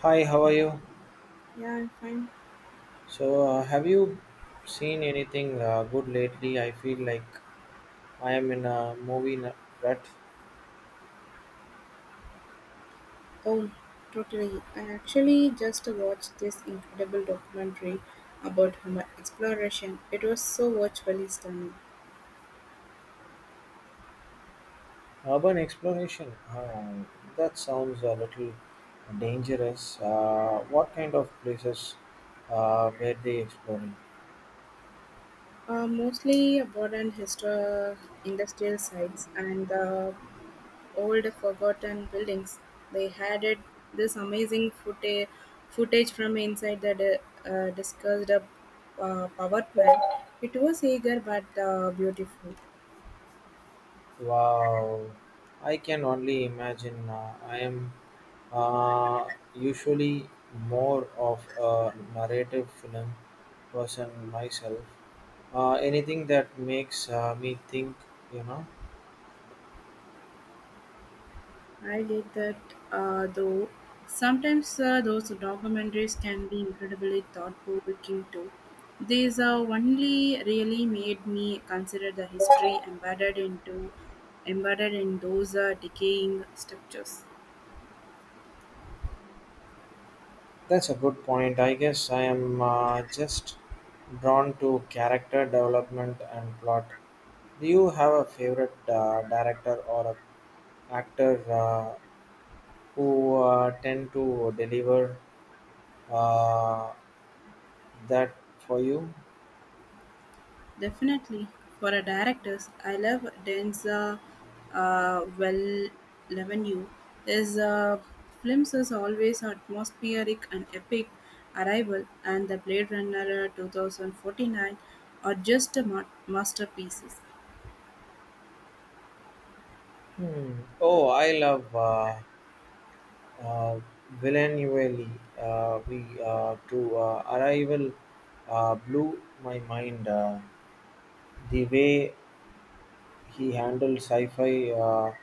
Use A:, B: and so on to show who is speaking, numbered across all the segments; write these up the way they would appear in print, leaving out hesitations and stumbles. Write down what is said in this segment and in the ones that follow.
A: Hi, how are you?
B: Yeah, I'm fine.
A: So have you seen anything good lately? I feel like I am in a movie rut.
B: Oh, totally. I actually just watched this incredible documentary about Homer exploration. It was so virtually stunning.
A: Urban exploration. That sounds a little dangerous. What kind of places were they exploring?
B: Mostly about an industrial sites and the old forgotten buildings. They had it, this amazing footage, footage from inside the discussed power plant. It was eager but beautiful.
A: Wow, I can only imagine. I am usually more of a narrative film person myself. Anything that makes me think, you know.
B: I get that, though. Sometimes those documentaries can be incredibly thought-provoking too. These only really made me consider the history embedded in those decaying structures.
A: That's a good point. I guess I am just drawn to character development and plot. Do you have a favorite director or a actor who tend to deliver uh, that for you?
B: Definitely, for a director's, I love Denza uh, Well Levenue. His films is always atmospheric and epic. Arrival and the Blade Runner 2049 are just masterpieces.
A: Hmm. Oh, I love uh, Villeneuve. We to Arrival blew my mind. The way he handled sci-fi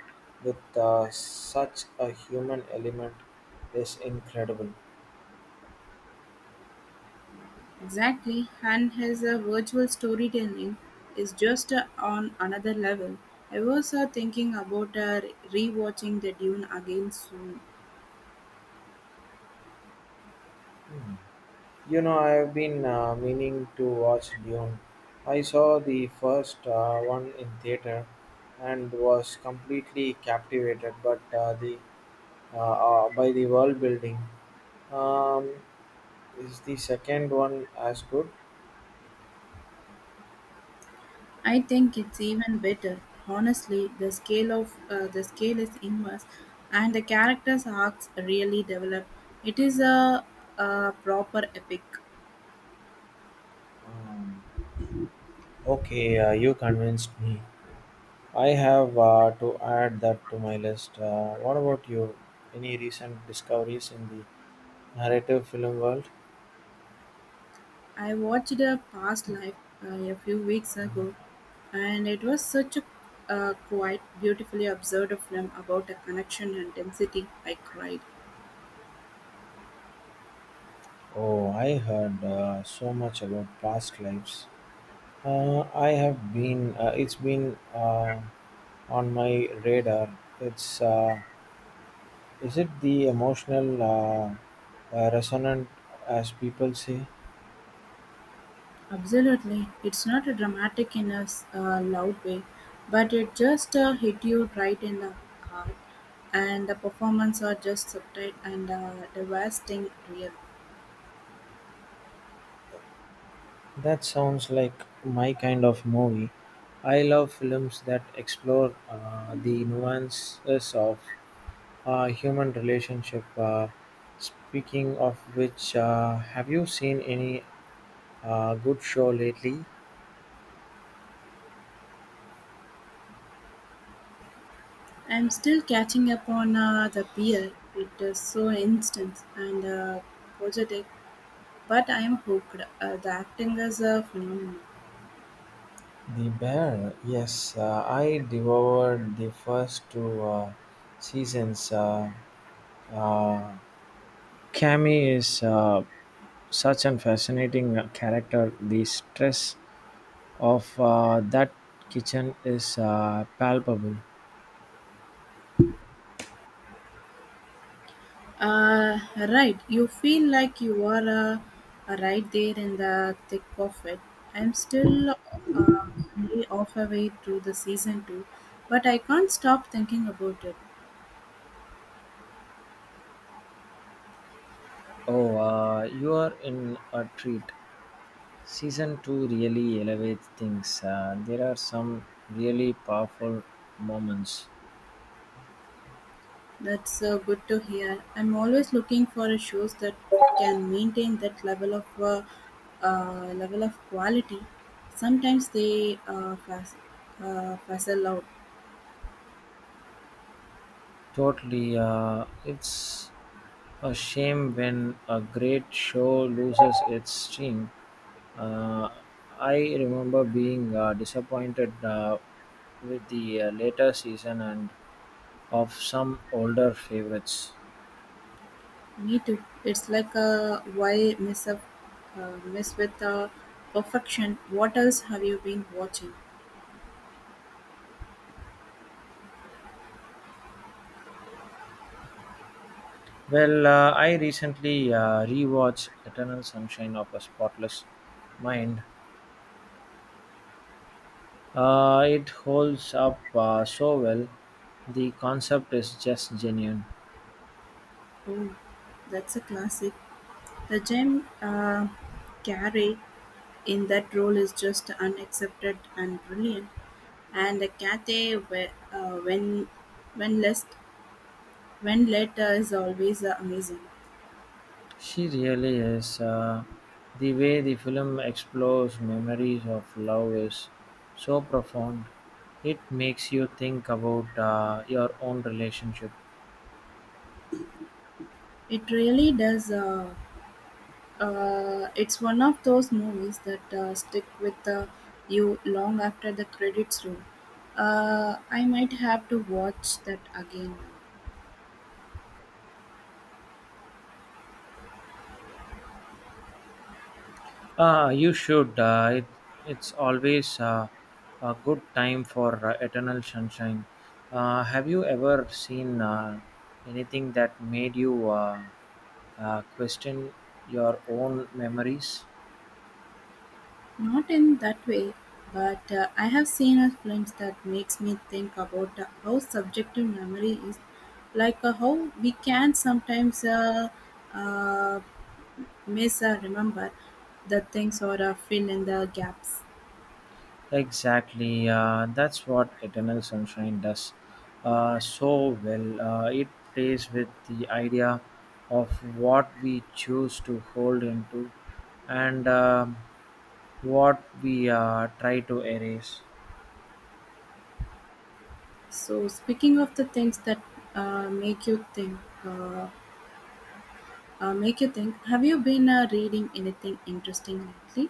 A: with such a human element is incredible.
B: Exactly, and his virtual storytelling is just on another level. I was thinking about rewatching the Dune again soon.
A: Hmm. You know, I have been meaning to watch Dune. I saw the first one in theater and was completely captivated, but the uh, by the world building. Um, is the second one as good?
B: I think it's even better. Honestly, the scale is immense, and the characters' arcs really develop. It is a, a proper epic.
A: Um, Okay, you convinced me. I have to add that to my list. What about you? Any recent discoveries in the narrative film world?
B: I watched a past life a few weeks ago, and it was such a quite beautifully observed film about a connection and density. I cried.
A: Oh, I heard so much about past lives. I have been. It's been on my radar. It's. Is it the emotional resonant, as people say?
B: Absolutely. It's not a dramatic in a loud way, but it just hit you right in the heart, and the performance are just subtle and devastating real.
A: That sounds like my kind of movie. I love films that explore the nuances of human relationship. Speaking of which, have you seen any good show lately?
B: I'm still catching up on the beer. It is so instant and positive, but I'm hooked. The acting is a phenomenon.
A: The Bear, yes, I devoured the first two seasons. Uh, Cammy is such a fascinating character. The stress of that kitchen is palpable.
B: Uh, right, you feel like you are right there in the thick of it. I'm still only half way through the season two, but I can't stop thinking about it.
A: Oh, you are in a treat. Season 2 really elevates things. There are some really powerful moments.
B: That's good to hear. I'm always looking for a shows that can maintain that level of quality. Sometimes they fizzle out.
A: Totally. It's a shame when a great show loses its stream. Uh, I remember being disappointed with the later season and of some older favorites.
B: Me too. It's like a mess with perfection. What else have you been watching?
A: Well, I recently rewatched Eternal Sunshine of a Spotless Mind. It holds up so well. The concept is just genuine.
B: Oh, that's a classic. The Jim Carrey in that role is just unaccepted and brilliant. And the when less when later is always amazing.
A: She really is. The way the film explores memories of love is so profound. It makes you think about your own relationship.
B: It really does. It's one of those movies that stick with you long after the credits roll. I might have to watch that again now.
A: You should. It, it's always a good time for Eternal Sunshine. Have you ever seen anything that made you question your own memories?
B: Not in that way, but I have seen a films that makes me think about how subjective memory is, like how we can sometimes uh, miss or remember the things or fill in the gaps.
A: Exactly. That's what Eternal Sunshine does so well. It plays with the idea of what we choose to hold into and what we try to erase.
B: So speaking of the things that uh, make you think. Uh, make you think. Have you been reading anything interesting lately?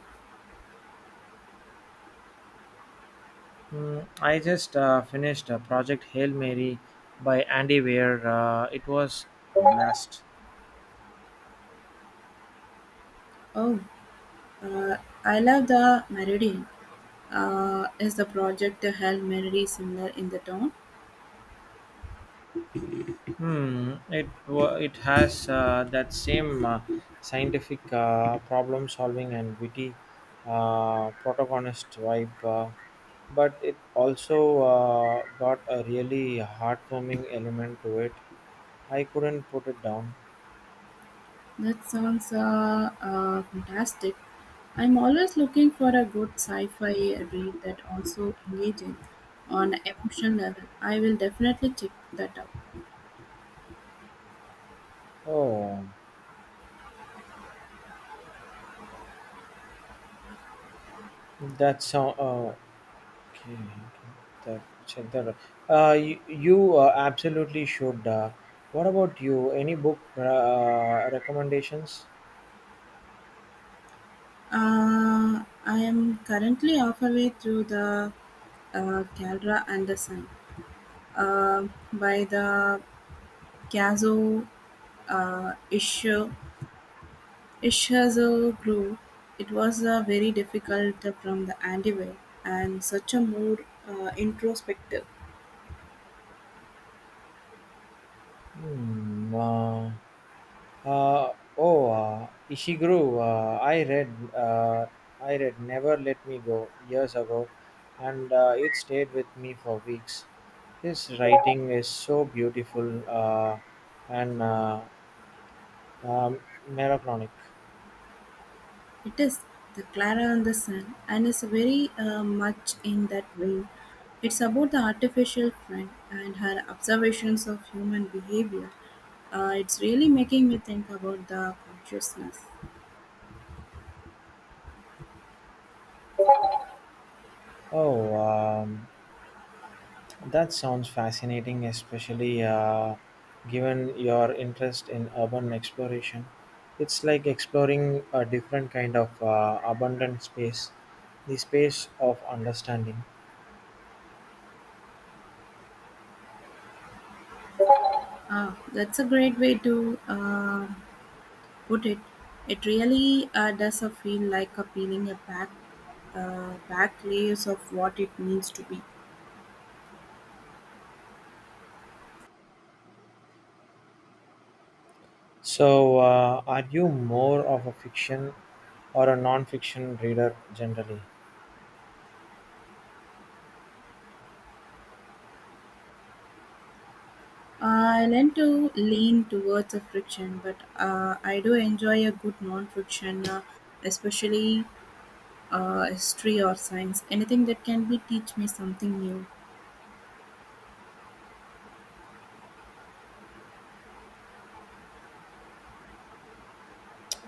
A: I just finished Project Hail Mary by Andy Weir. It was a blast.
B: Oh, uh, I love the Meridian. Is the project to help Mary similar in the town?
A: Hmm, it wa- it has that same scientific problem solving and witty protagonist vibe, but it also got a really heartwarming element to it. I couldn't put it down.
B: That sounds fantastic. I'm always looking for a good sci-fi read that also engaging on an emotional level. I will definitely check that out.
A: Oh, that's so. Okay, okay. That, check that out. You absolutely should. What about you? Any book recommendations?
B: I am currently halfway through the Caldera and the Sun, uh, by the Kazuo uh, Ishu- Ishizu group. It was very difficult from the anyway and such a more introspective.
A: Hmm, uh, oh, Ishiguro. I read "Never Let Me Go" years ago, and it stayed with me for weeks. His writing is so beautiful and um, melancholic.
B: It is the Clara and the Sun and is very much in that vein. It's about the artificial friend and her observations of human behavior. It's really making me think about the consciousness.
A: Oh, that sounds fascinating, especially given your interest in urban exploration. It's like exploring a different kind of abundant space, the space of understanding.
B: Ah, that's a great way to Would it? It really does feel like a peeling a back, back layers of what it means to be.
A: So, are you more of a fiction or a non fiction reader generally?
B: I tend to lean towards a friction, but I do enjoy a good non-friction, especially history or science. Anything that can be teach me something new.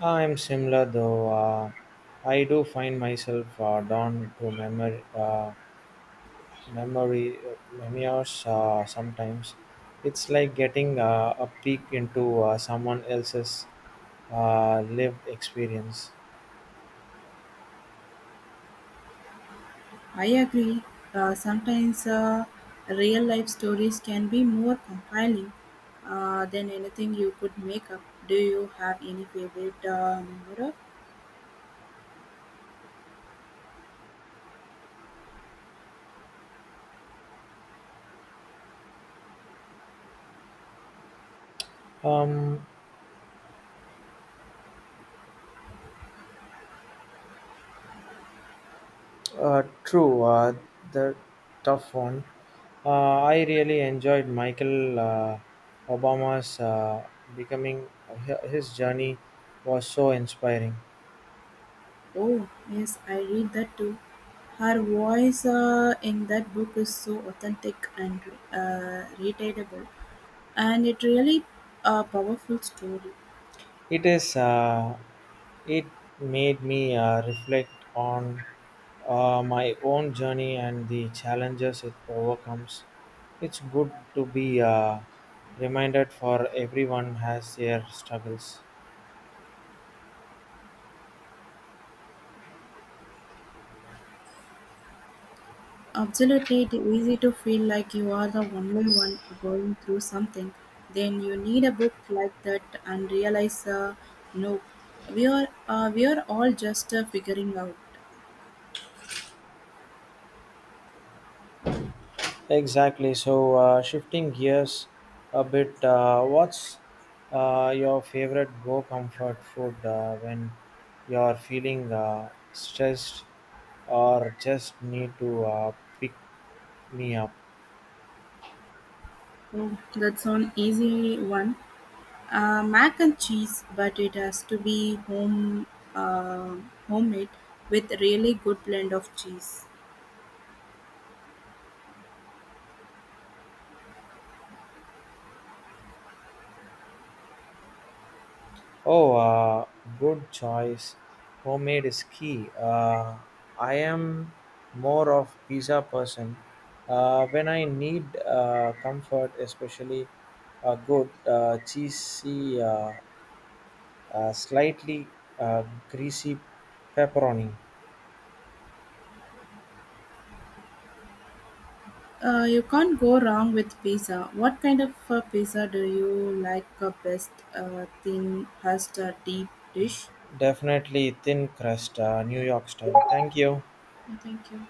A: I'm similar though. I do find myself drawn to memoir, memory memoirs sometimes it's like getting a peek into someone else's lived experience
B: I agree. Sometimes real life stories can be more compelling than anything you could make up. Do you have any favorite memoir?
A: um true the tough one I really enjoyed michael obama's becoming his journey was so inspiring.
B: Oh, yes, I read that too. Her voice in that book is so authentic and relatable, and it really a powerful story.
A: It is. It made me reflect on my own journey and the challenges it overcomes. It's good to be reminded for everyone has their struggles.
B: Absolutely, it's easy to feel like you are the only one going through something. Then you need a book like that and realize, no, we are all just figuring out.
A: Exactly. So, shifting gears a bit, what's your favorite go comfort food when you're feeling stressed or just need to pick me up?
B: Oh, that's an easy one. Mac and cheese, but it has to be uh, homemade with really good blend of cheese.
A: Oh, good choice. Homemade is key. I am more of pizza person. When I need comfort, especially a good cheesy slightly uh, greasy pepperoni.
B: You can't go wrong with pizza. What kind of pizza do you like best? Thin, crust, or deep dish?
A: Definitely thin crust, New York style. Thank you.
B: Thank you.